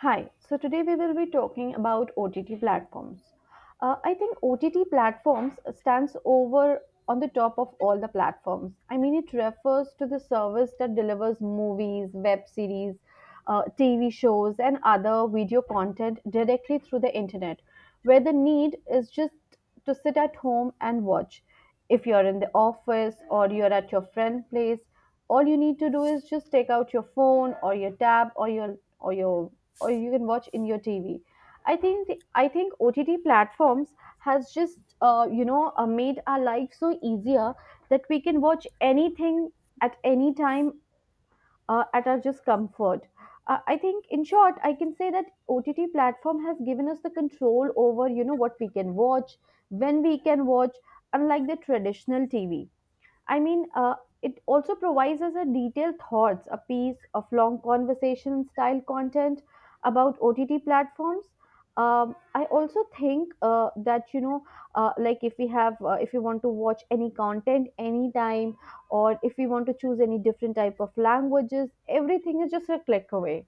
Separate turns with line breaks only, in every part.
Hi, so today we will be talking about OTT platforms. I think OTT platforms stands over on the top of all the platforms. I mean, it refers to the service that delivers movies, web series, TV shows, and other video content directly through the internet, where the need is just to sit at home and watch. If you're in the office or you're at your friend's place, all you need to do is just take out your phone or your tab or you can watch in your TV. I think OTT platforms has just made our life so easier that we can watch anything at any time, at our just comfort. I think, in short, I can say that OTT platform has given us the control over, what we can watch, when we can watch, unlike the traditional TV. I mean, it also provides us a detailed thoughts, a piece of long conversation style content about OTT platforms. I also think that like if we if we want to watch any content anytime, or if we want to choose any different type of languages, everything is just a click away.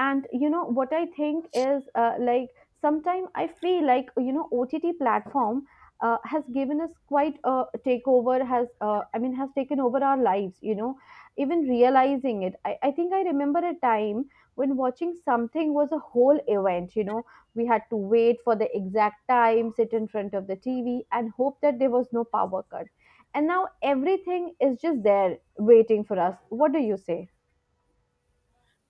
And you know what I think is, like, sometime I feel like, OTT platform has given us quite a takeover, has, I mean, has taken over our lives, even realizing it. I think I remember a time when watching something was a whole event. We had to wait for the exact time, sit in front of the TV, and hope that there was no power cut. And now everything is just there waiting for us. What do you say?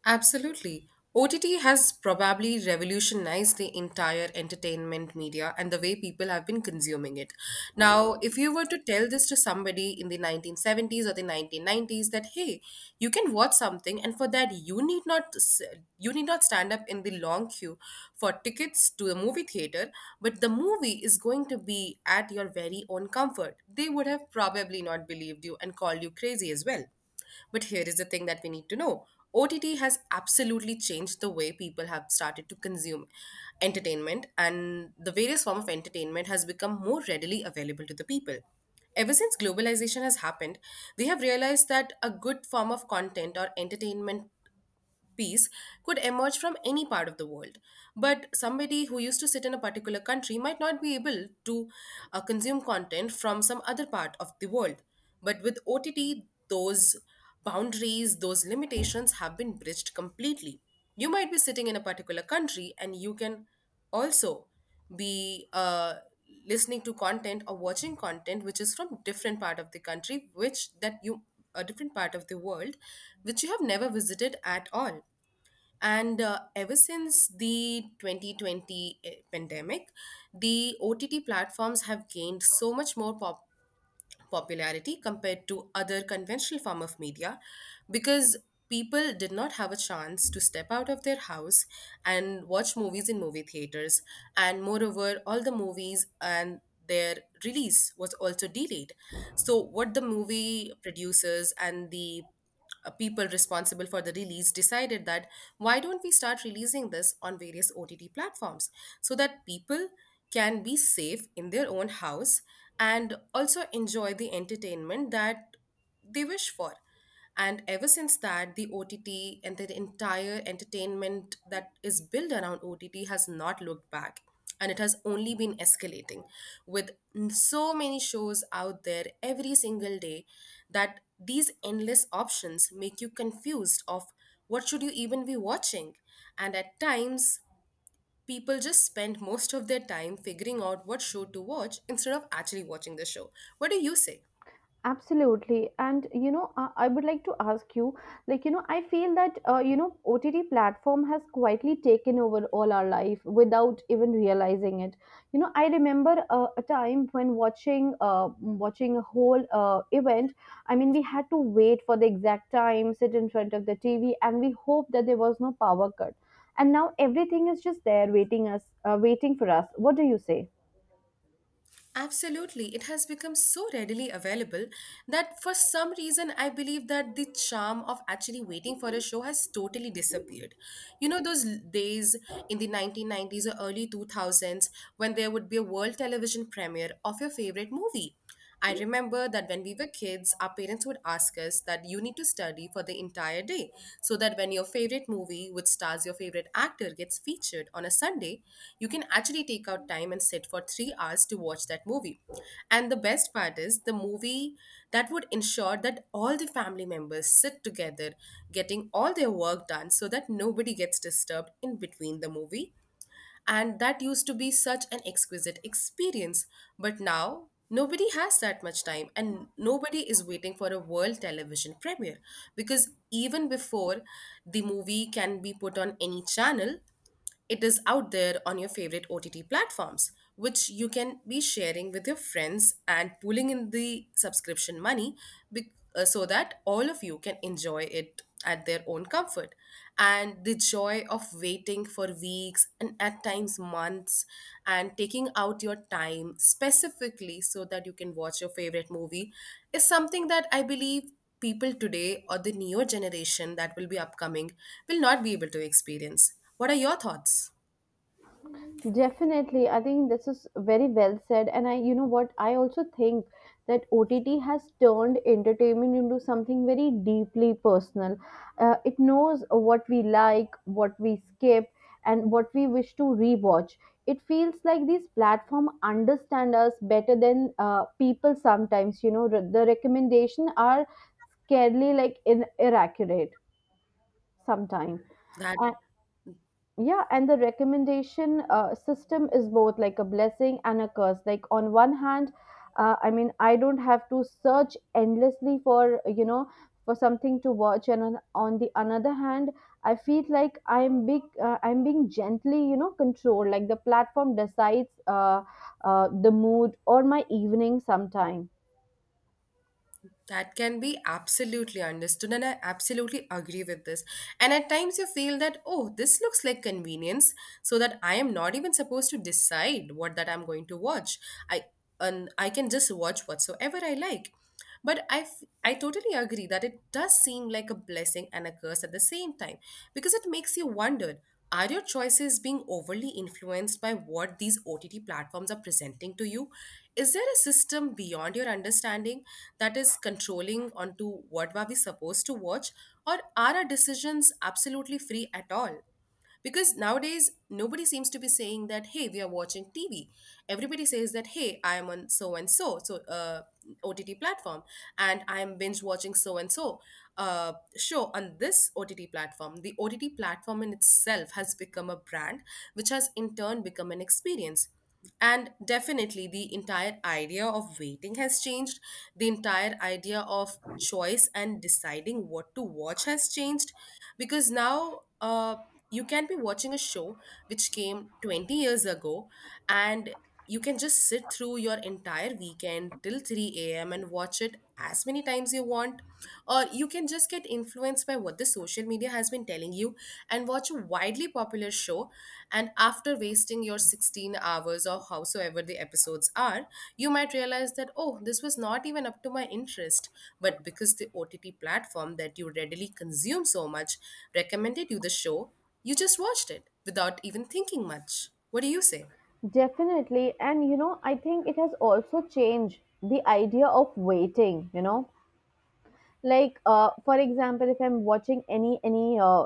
Absolutely. OTT has probably revolutionized the entire entertainment media and the way people have been consuming it. Now, if you were to tell this to somebody in the 1970s or the 1990s that hey, you can watch something and for that you need not stand up in the long queue for tickets to the movie theater, but the movie is going to be at your very own comfort. They would have probably not believed you and called you crazy as well. But here is the thing that we need to know: OTT has absolutely changed the way people have started to consume entertainment, and the various form of entertainment has become more readily available to the people. Ever since globalization has happened, we have realized that a good form of content or entertainment peace could emerge from any part of the world. But somebody who used to sit in a particular country might not be able to consume content from some other part of the world. But with OTT, those boundaries, those limitations have been bridged completely. You might be sitting in a particular country and you can also be listening to content or watching content which is from different part of the country which that you a different part of the world which you have never visited at all. And ever since the 2020 pandemic, the OTT platforms have gained so much more popularity compared to other conventional form of media because people did not have a chance to step out of their house and watch movies in movie theaters. And moreover, all the movies and their release was also delayed. So, what the movie producers and the people responsible for the release decided that why don't we start releasing this on various OTT platforms so that people can be safe in their own house and also enjoy the entertainment that they wish for. And ever since that, the OTT and the entire entertainment that is built around OTT has not looked back, and it has only been escalating with so many shows out there every single day that these endless options make you confused of what should you even be watching. And at times people just spend most of their time figuring out what show to watch instead of actually watching the show. What do you say?
Absolutely. I would like to ask you, like, I feel that, OTT platform has quietly taken over all our life without even realizing it. You know, I remember a time when watching a whole event. I mean, we had to wait for the exact time, sit in front of the TV, and we hope that there was no power cut. And now everything is just there waiting for us. What do you say?
Absolutely. It has become so readily available that for some reason I believe that the charm of actually waiting for a show has totally disappeared. You know, those days in the 1990s or early 2000s when there would be a world television premiere of your favorite movie. I remember that when we were kids, our parents would ask us that you need to study for the entire day so that when your favorite movie, which stars your favorite actor, gets featured on a Sunday, you can actually take out time and sit for 3 hours to watch that movie. And the best part is the movie that would ensure that all the family members sit together, getting all their work done so that nobody gets disturbed in between the movie, and that used to be such an exquisite experience. But now, nobody has that much time, and nobody is waiting for a world television premiere. Because even before the movie can be put on any channel, it is out there on your favorite OTT platforms, which you can be sharing with your friends and pooling in the subscription money, so that all of you can enjoy it at their own comfort. And the joy of waiting for weeks and at times months and taking out your time specifically so that you can watch your favorite movie is something that I believe people today or the neo generation that will be upcoming will not be able to experience. What are your thoughts?
Definitely, I think this is very well said. And I, you know what, I also think that OTT has turned entertainment into something very deeply personal. It knows what we like, what we skip, and what we wish to rewatch. It feels like these platforms understand us better than, people sometimes. You know, the recommendation are scarcely like, inaccurate sometimes.
That
Yeah, and the recommendation, system is both like a blessing and a curse. Like on one hand, I mean, I don't have to search endlessly for, for something to watch, and on the another hand, I feel like I'm being gently, controlled. Like the platform decides the mood or my evening sometime.
That can be absolutely understood, and I absolutely agree with this. And at times you feel that, oh, this looks like convenience, so that I am not even supposed to decide what that I'm going to watch. I and I can just watch whatsoever I like. But I totally agree that it does seem like a blessing and a curse at the same time because it makes you wonder, are your choices being overly influenced by what these OTT platforms are presenting to you? Is there a system beyond your understanding that is controlling onto what were we supposed to watch, or are our decisions absolutely free at all? Because nowadays, nobody seems to be saying that, hey, we are watching TV. Everybody says that, hey, I am on so and so, so OTT platform, and I am binge watching so and so show on this OTT platform. The OTT platform in itself has become a brand, which has in turn become an experience. And definitely, the entire idea of waiting has changed. The entire idea of choice and deciding what to watch has changed because now you can be watching a show which came 20 years ago, and you can just sit through your entire weekend till 3 a.m. and watch it as many times you want. Or you can just get influenced by what the social media has been telling you and watch a widely popular show. And after wasting your 16 hours or howsoever the episodes are, you might realize that, oh, this was not even up to my interest. But because the OTT platform that you readily consume so much recommended you the show, you just watched it without even thinking much. What do you say?
Definitely, and you know, I think it has also changed the idea of waiting. You know, like, for example, if I'm watching any any uh,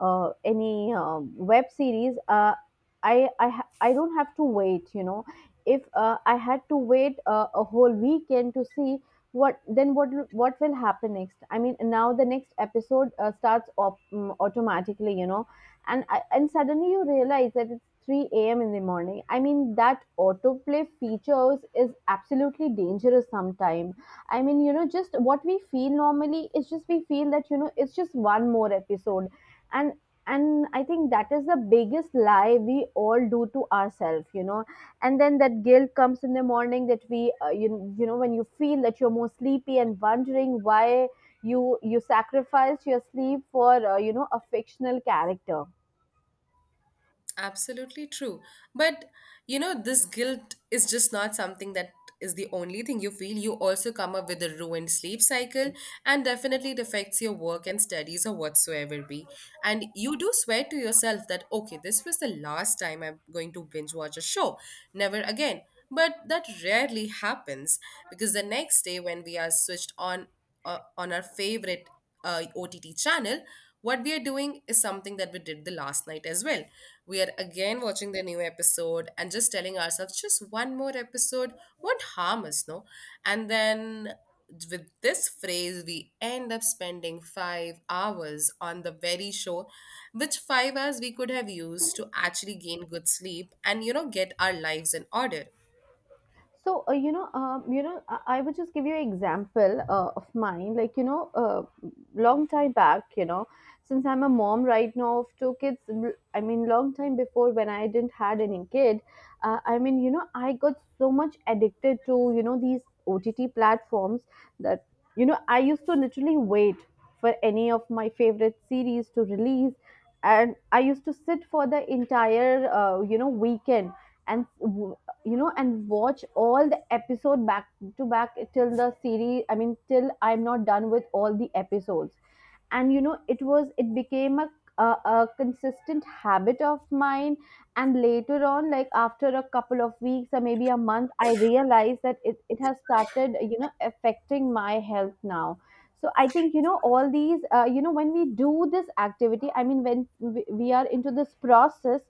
uh, any um, web series, I don't have to wait, you know. If I had to wait a whole weekend to see what then what will happen next. I mean, now the next episode starts automatically, you know. And suddenly you realize that it's 3 a.m. in the morning. I mean, that autoplay features is absolutely dangerous sometimes. I mean, you know, just what we feel normally is just we feel that, you know, it's just one more episode. And and I think that is the biggest lie we all do to ourselves, you know. And then that guilt comes in the morning that you know, when you feel that you're more sleepy and wondering why you sacrificed your sleep for, a fictional character.
Absolutely true. But you know, this guilt is just not something that is the only thing you feel. You also come up with a ruined sleep cycle, and definitely it affects your work and studies or whatsoever be. And you do swear to yourself that, okay, this was the last time I'm going to binge watch a show, never again. But that rarely happens because the next day, when we are switched on our favorite OTT channel, what we are doing is something that we did the last night as well. We are again watching the new episode and just telling ourselves just one more episode. What harm us, no? And then with this phrase, we end up spending 5 hours on the very show, which 5 hours we could have used to actually gain good sleep and, you know, get our lives in order.
So, you know, I would just give you an example, of mine. Like, you know, long time back, you know, since I'm a mom right now of two kids. I mean, long time before when I didn't had any kid. I mean, you know, I got so much addicted to, these OTT platforms, that I used to literally wait for any of my favorite series to release, and I used to sit for the entire, weekend, and w- you know, and watch all the episode back to back till the series. I mean, till I'm not done with all the episodes. And you know, it became a consistent habit of mine. And later on, like, after a couple of weeks or maybe a month, I realized that it has started, affecting my health now. So I think, you know, all these, when we do this activity, I mean, when we are into this process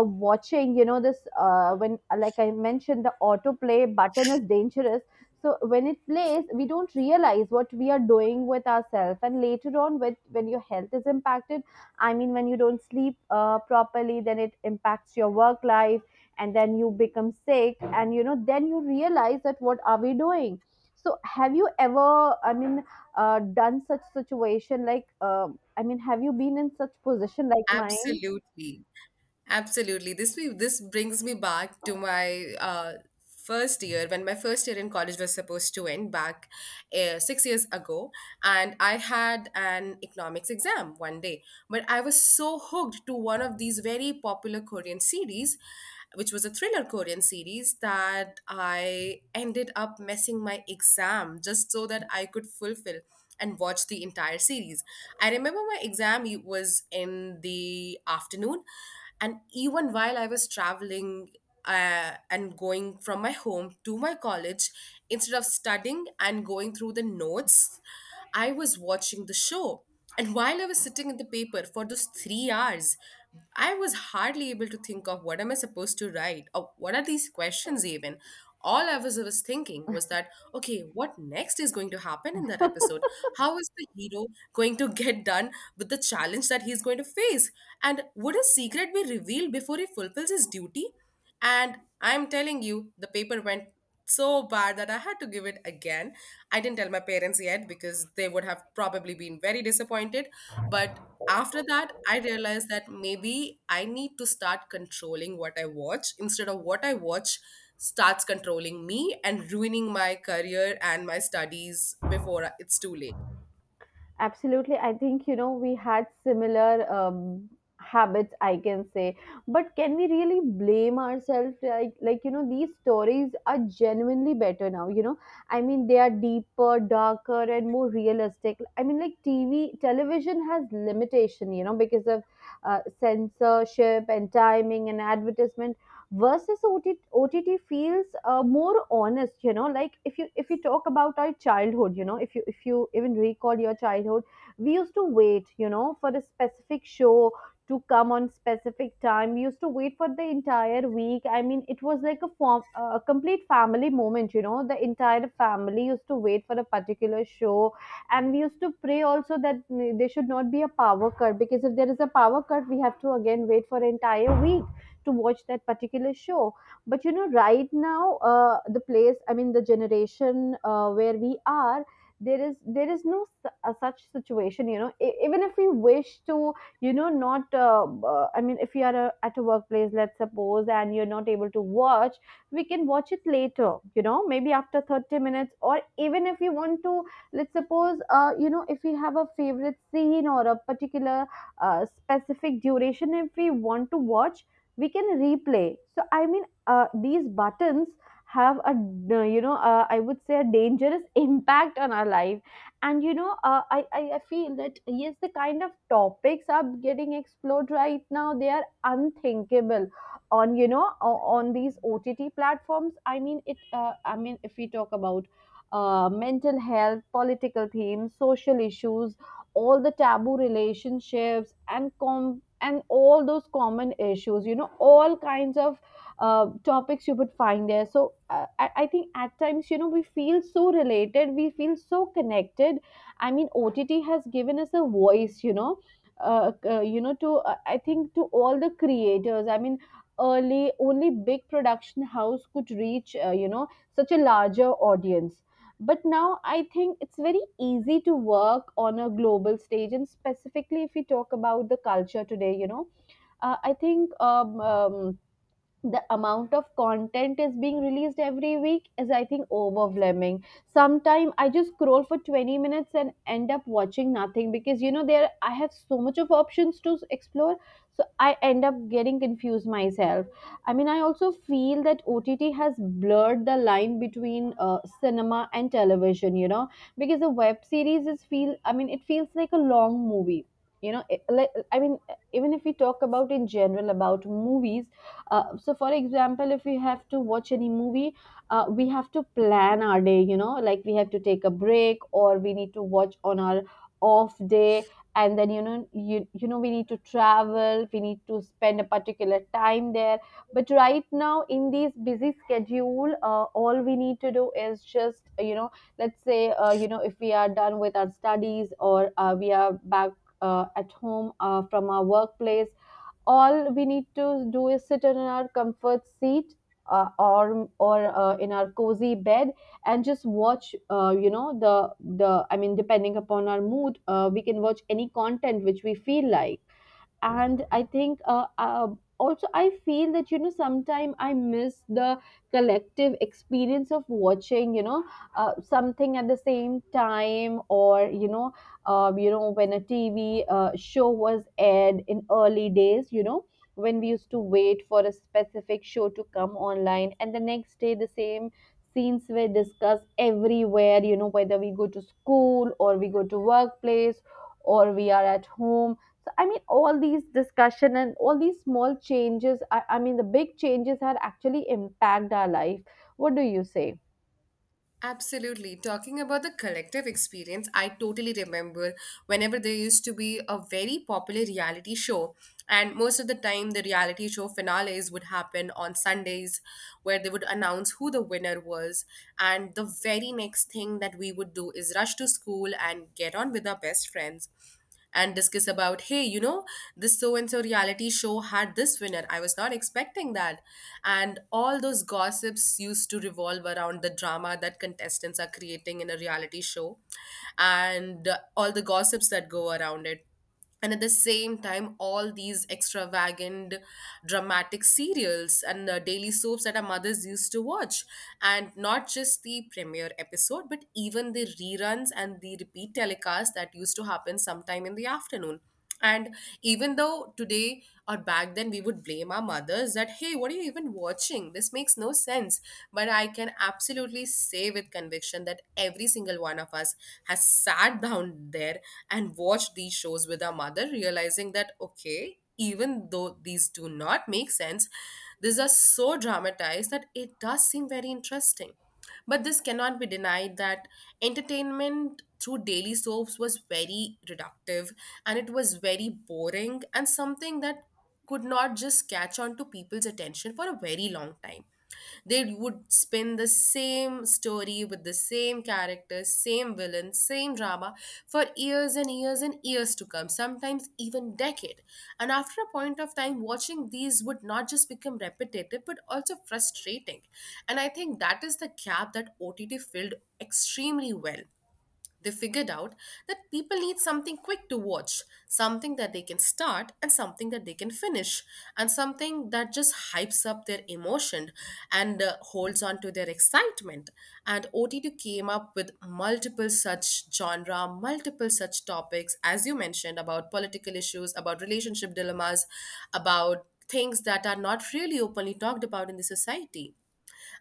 of watching, you know this when, like I mentioned, the autoplay button is dangerous. So when it plays, we don't realize what we are doing with ourselves, and later on with when your health is impacted, I mean, when you don't sleep properly, then it impacts your work life. And then you become sick, and you know, then you realize that what are we doing. So have you ever, I mean, done such situation like, I mean, have you been in such position like mine?
Absolutely. Absolutely. This brings me back to my first year when my first year in college was supposed to end back 6 years ago, and I had an economics exam one day. But I was so hooked to one of these very popular Korean series, which was a thriller Korean series, that I ended up messing my exam just so that I could fulfill and watch the entire series. I remember my exam was in the afternoon, and even while I was traveling and going from my home to my college, instead of studying and going through the notes, I was watching the show. And while I was sitting in the paper for those 3 hours, I was hardly able to think of what am I supposed to write or what are these questions even. All I was thinking was that, okay, what next is going to happen in that episode? How is the hero going to get done with the challenge that he's going to face? And would his secret be revealed before he fulfills his duty? And I'm telling you, the paper went so bad that I had to give it again. I didn't tell my parents yet because they would have probably been very disappointed. But after that, I realized that maybe I need to start controlling what I watch instead of what I watch starts controlling me and ruining my career and my studies before it's too late.
Absolutely. I think, you know, we had similar, habits, I can say. But can we really blame ourselves? Like, you know, these stories are genuinely better now, you know. I mean, they are deeper, darker, and more realistic. I mean, like TV, television has limitation, you know, because of, censorship and timing and advertisement versus OTT, feels, more honest. You know, like, if you talk about our childhood, you know, if you even recall your childhood, we used to wait, you know, for a specific show to come on specific time. We used to wait for the entire week. I mean, it was like a form a complete family moment. You know, the entire family used to wait for a particular show, and we used to pray also that, there should not be a power cut, because if there is a power cut, we have to again wait for entire week to watch that particular show. But you know, right now, the place, I mean the generation, where we are, there is no, such situation, you know. Even if we wish to, not, I mean, if you are, at a workplace, let's suppose, and you're not able to watch, we can watch it later, you know, maybe after 30 minutes. Or even if you want to, let's suppose, you know, if we have a favorite scene or a particular, specific duration, if we want to watch, we can replay. So I mean, these buttons have a, I would say, a dangerous impact on our life. And you know, I feel that yes, the kind of topics are getting explored right now, they are unthinkable on, on these OTT platforms. I mean, if we talk about, mental health, political themes, social issues, all the taboo relationships, and all those common issues, you know, all kinds of, topics you would find there. So, I think at times, you know, we feel so related, we feel so connected. I mean, OTT has given us a voice, you know. You know, to, I think, to all the creators, I mean, early only big production house could reach, such a larger audience. But now I think it's very easy to work on a global stage, and specifically if we talk about the culture today, you know. I think, the amount of content is being released every week is, I think, overwhelming. Sometimes I just scroll for 20 minutes and end up watching nothing because, you know, there I have so much of options to explore. So I end up getting confused myself. I mean, I also feel that OTT has blurred the line between, cinema and television, you know. Because a web series, is feel I mean, it feels like a long movie. You know, I mean, even if we talk about in general about movies, so, for example, if we have to watch any movie, We have to plan our day, like we have to take a break or we need to watch on our off day. And then you know we need to travel, we need to spend a particular time there. But right now in these busy schedule, all we need to do is just let's say, if we are done with our studies or we are back at home from our workplace, all we need to do is sit in our comfort seat, or in our cozy bed and just watch, the I mean depending upon our mood, we can watch any content which we feel like. And I think, also I feel that sometime I miss the collective experience of watching, something at the same time. Or you know When a TV show was aired in early days, when we used to wait for a specific show to come online, and the next day the same scenes were discussed everywhere, whether we go to school or we go to workplace or we are at home. So, I mean, all these discussion and all these small changes, I mean, the big changes are actually impact our life. What do you say?
Absolutely. Talking about the collective experience, I totally remember whenever there used to be a very popular reality show, and most of the time the reality show finales would happen on Sundays where they would announce who the winner was. And the very next thing that we would do is rush to school and get on with our best friends and discuss about, hey, this so and so reality show had this winner. I was not expecting that. And all those gossips used to revolve around the drama that contestants are creating in a reality show, and all the gossips that go around it. And at the same time, all these extravagant dramatic serials and the daily soaps that our mothers used to watch, and not just the premiere episode but even the reruns and the repeat telecast that used to happen sometime in the afternoon. And even though today or back then we would blame our mothers that, hey, what are you even watching? This makes no sense. But I can absolutely say with conviction that every single one of us has sat down there and watched these shows with our mother, realizing that okay, even though these do not make sense, these are so dramatized that it does seem very interesting. But this cannot be denied that entertainment through daily soaps was very reductive, and it was very boring and something that could not just catch on to people's attention for a very long time. They would spin the same story with the same characters, same villains, same drama for years and years and years to come, sometimes even decade. And after a point of time, watching these would not just become repetitive but also frustrating. And I think that is the gap that OTT filled extremely well. They figured out that people need something quick to watch, something that they can start and something that they can finish, and something that just hypes up their emotion and holds on to their excitement. And OTT came up with multiple such genre, multiple such topics, as you mentioned, about political issues, about relationship dilemmas, about things that are not really openly talked about in the society.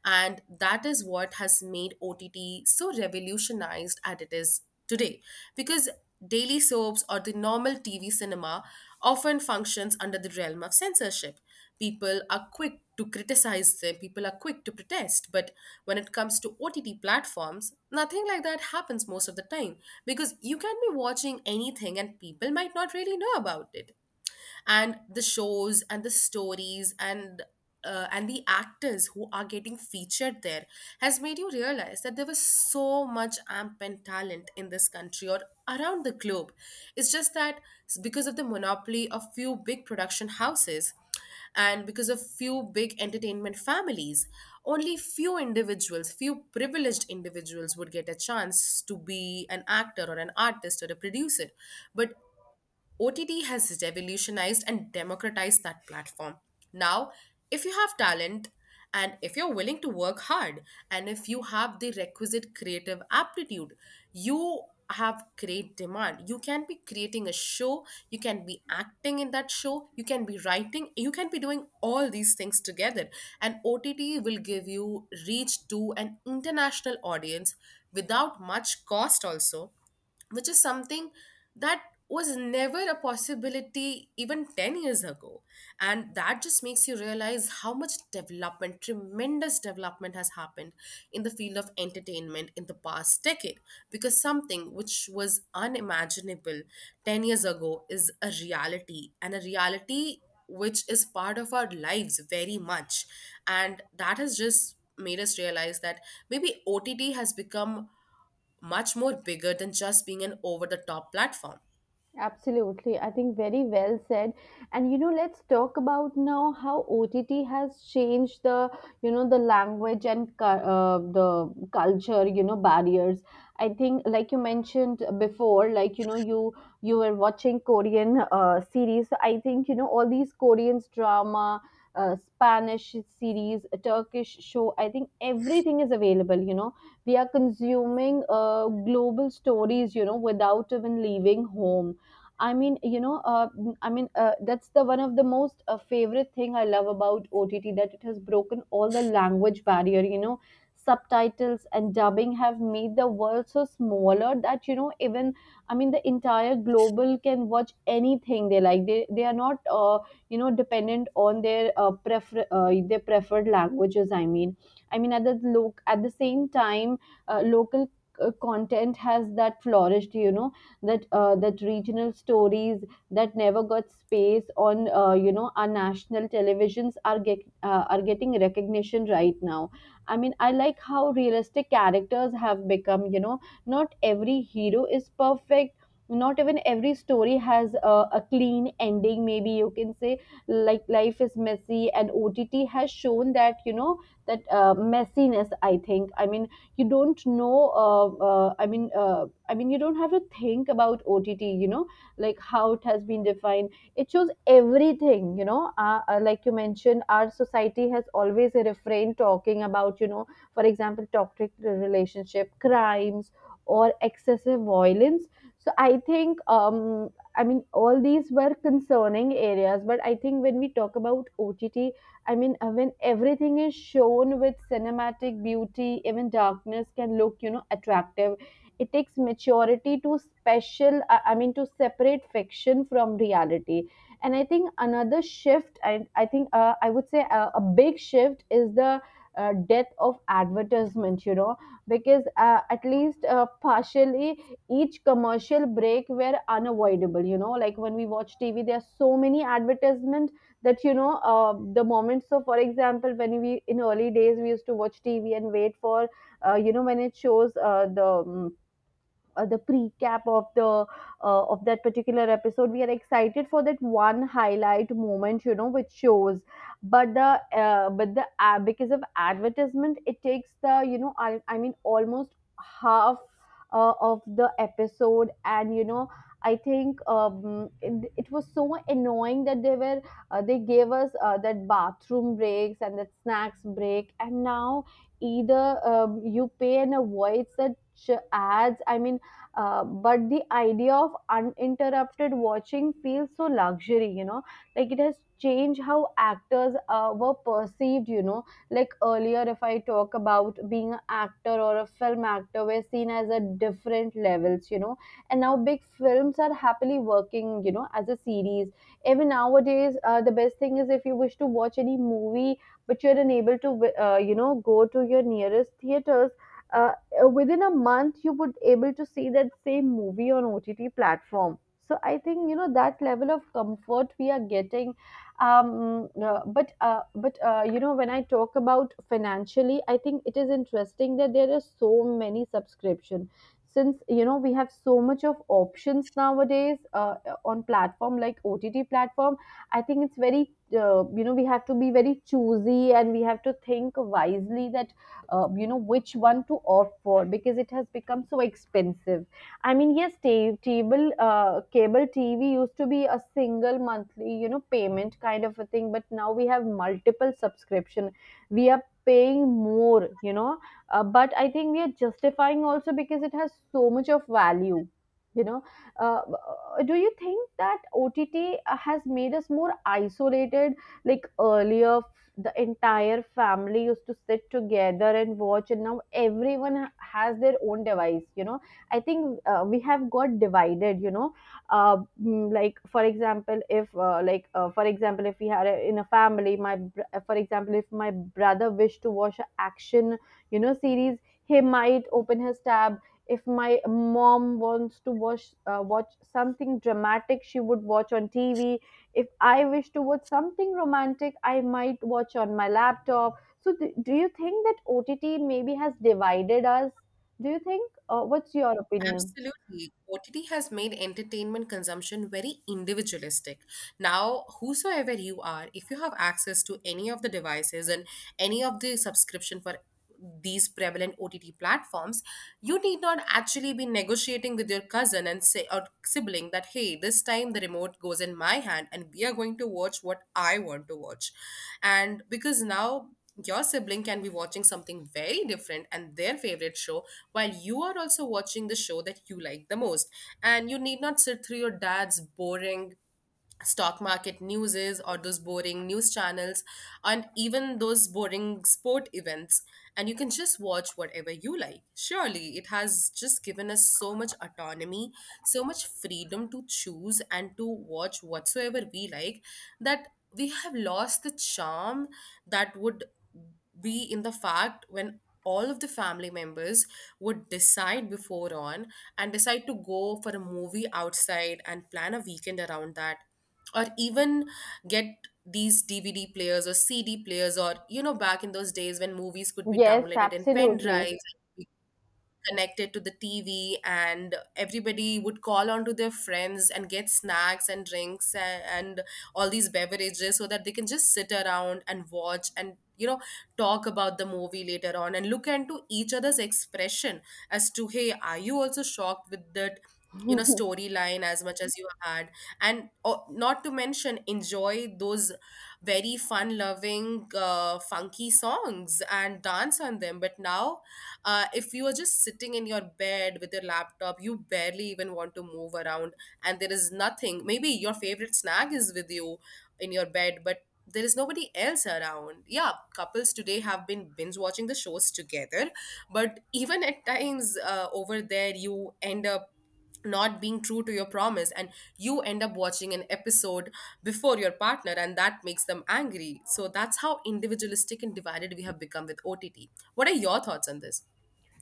And that is what has made OTT so revolutionized as it is today, because daily soaps or the normal TV cinema often functions under the realm of censorship. People are quick to criticize them, people are quick to protest, but when it comes to OTT platforms, nothing like that happens most of the time, because you can be watching anything and people might not really know about it. And the shows and the stories and and the actors who are getting featured there has made you realize that there was so much amp and talent in this country or around the globe. It's just that because of the monopoly of few big production houses and because of few big entertainment families, only few individuals, few privileged individuals would get a chance to be an actor or an artist or a producer. But OTT has revolutionized and democratized that platform. Now, if you have talent and if you're willing to work hard and if you have the requisite creative aptitude, you have great demand. You can be creating a show, you can be acting in that show, you can be writing, you can be doing all these things together. And OTT will give you reach to an international audience without much cost also, which is something that was never a possibility even 10 years ago. And that just makes you realize how much development, tremendous development has happened in the field of entertainment in the past decade, because something which was unimaginable 10 years ago is a reality, and a reality which is part of our lives very much. And that has just made us realize that maybe OTT has become much more bigger than just being an over the top platform.
Absolutely. I think very well said. And you know, let's talk about now how OTT has changed the, you know, the language and the culture, you know, barriers. I think like you mentioned before, like, you know, you were watching Korean series. So I think, you know, all these Koreans drama, Spanish series, Turkish show, I think everything is available, you know. We are consuming global stories, you know, without even leaving home. I mean, you know, uh, that's the one of the most favorite thing I love about OTT, that it has broken all the language barrier. You know, subtitles and dubbing have made the world so smaller that, you know, even I mean the entire global can watch anything they like. They are not you know dependent on their prefer their preferred languages. I mean, at the loc at the same time, local content has that flourished. You know that, that regional stories that never got space on, you know, our national televisions are are getting recognition right now. I mean, I like how realistic characters have become, you know. Not every hero is perfect, not even every story has a clean ending, maybe you can say. Like, life is messy, and OTT has shown that, you know, that messiness. I think, I mean, you don't know. uh, uh, i mean uh, I mean, you don't have to think about OTT, you know, like how it has been defined. It shows everything, you know. Like you mentioned, our society has always refrained talking about, you know, for example, toxic relationship, crimes, or excessive violence. So I think, I mean, all these were concerning areas. But I think when we talk about OTT, when everything is shown with cinematic beauty, even darkness can look, you know, attractive. It takes maturity to special I mean to separate fiction from reality. And I think another shift, I would say a big shift is the death of advertisement, you know, because, at least partially, each commercial break were unavoidable, you know, like when we watch TV there are so many advertisements that, the moment. So for example, when we in early days we used to watch TV and wait for, when it shows, the, um, the recap of the, of that particular episode, we are excited for that one highlight moment, you know, which shows. But the, but the because of advertisement it takes the, you know, I mean almost half of the episode. And you know, I think, it was so annoying that they were, they gave us, that bathroom breaks and that snacks break. And now either, you pay and avoid such ads. I mean, but the idea of uninterrupted watching feels so luxury, you know. Like it has changed how actors were perceived, you know. Like earlier, if I talk about being an actor or a film actor, we're seen as a different levels, you know. And now big films are happily working, you know, as a series. Even nowadays, the best thing is if you wish to watch any movie but you're unable to, you know, go to your nearest theaters, uh, within a month you would able to see that same movie on OTT platform. So I think, you know, that level of comfort we are getting. But you know, when I talk about financially, I think it is interesting that there are so many subscription. Since you know we have so much of options nowadays, on platform like OTT platform, I think it's very, you know, we have to be very choosy and we have to think wisely that, you know, which one to opt for, because it has become so expensive. I mean, yes, ta- table cable TV used to be a single monthly, you know, payment kind of a thing, but now we have multiple subscription, we are paying more, you know. But I think we are justifying also, because it has so much of value, you know. Do you think that OTT has made us more isolated? Like earlier the entire family used to sit together and watch, and now everyone has their own device, you know. I think, we have got divided, you know. uh, like for example, if like for example, if we had a, in a family, for example, if my brother wished to watch a action, you know, series, he might open his tab. If my mom wants to watch, watch something dramatic, she would watch on TV. If I wish to watch something romantic, I might watch on my laptop. So, do you think that OTT maybe has divided us? Do you think? What's your opinion?
Absolutely. OTT has made entertainment consumption very individualistic. Now, whosoever you are, if you have access to any of the devices and any of the subscription for these prevalent OTT platforms, you need not actually be negotiating with your cousin and say or sibling that, hey, this time the remote goes in my hand and we are going to watch what I want to watch. And because now your sibling can be watching something very different and their favorite show while you are also watching the show that you like the most, and you need not sit through your dad's boring stock market news is, or those boring news channels, and even those boring sport events, and you can just watch whatever you like. Surely it has just given us so much autonomy, so much freedom to choose and to watch whatsoever we like, that we have lost the charm that would be in the fact when all of the family members would decide before on and decide to go for a movie outside and plan a weekend around that, or even get these DVD players or CD players, or you know, back in those days when movies could be
Yes,
downloaded in pen
absolutely.
drives, connected to the TV, and everybody would call on to their friends and get snacks and drinks and all these beverages so that they can just sit around and watch, and you know, talk about the movie later on and look into each other's expression as to, hey, are you also shocked with that, you know, storyline as much as you had. And oh, not to mention enjoy those very fun loving, funky songs and dance on them. But now, if you are just sitting in your bed with your laptop, you barely even want to move around, and there is nothing. Maybe your favorite snack is with you in your bed, but there is nobody else around. Yeah, couples today have been binge watching the shows together, but even at times over there, you end up not being true to your promise and you end up watching an episode before your partner, and that makes them angry. So that's how individualistic and divided we have become with OTT. What are your thoughts on this?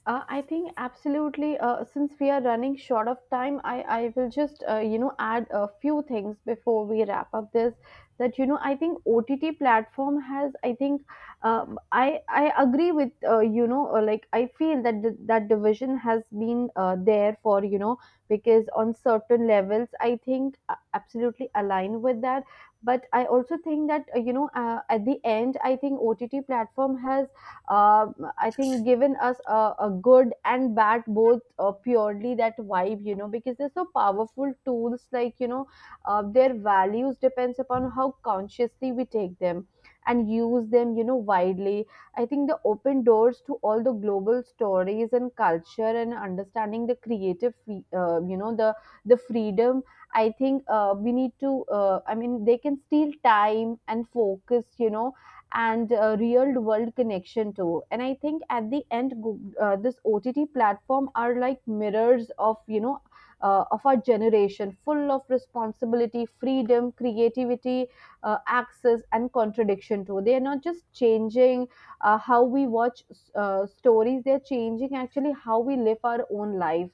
I think absolutely. Since we are running short of time, I will just, you know, add a few things before we wrap up this. That you know, I think OTT platform has. I think, I agree with, you know, like I feel that that division has been, there for, you know, because on certain levels I think, absolutely align with that. But I also think that, you know, at the end, I think OTT platform has, uh, I think, given us a good and bad both, purely that vibe, you know, because they're so powerful tools. Like you know, their values depends upon how consciously we take them and use them, you know, widely. I think the open doors to all the global stories and culture and understanding the creative, you know, the freedom. I think, we need to. I mean, they can steal time and focus, you know, and, real world connection too. And I think at the end, this OTT platform are like mirrors of, you know, of our generation, full of responsibility, freedom, creativity, access, and contradiction too. They are not just changing, how we watch, stories, they're changing actually how we live our own life.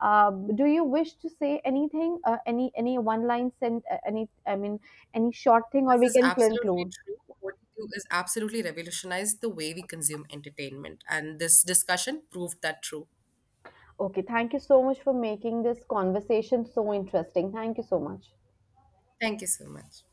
Do you wish to say anything, any one line sent any, I mean, any short thing, or we
This is
can
absolutely
conclude?
true. OTT is absolutely revolutionized the way we consume entertainment, and this discussion proved that true.
Okay, thank you so much for making this conversation so interesting. Thank you so much.
Thank you so much.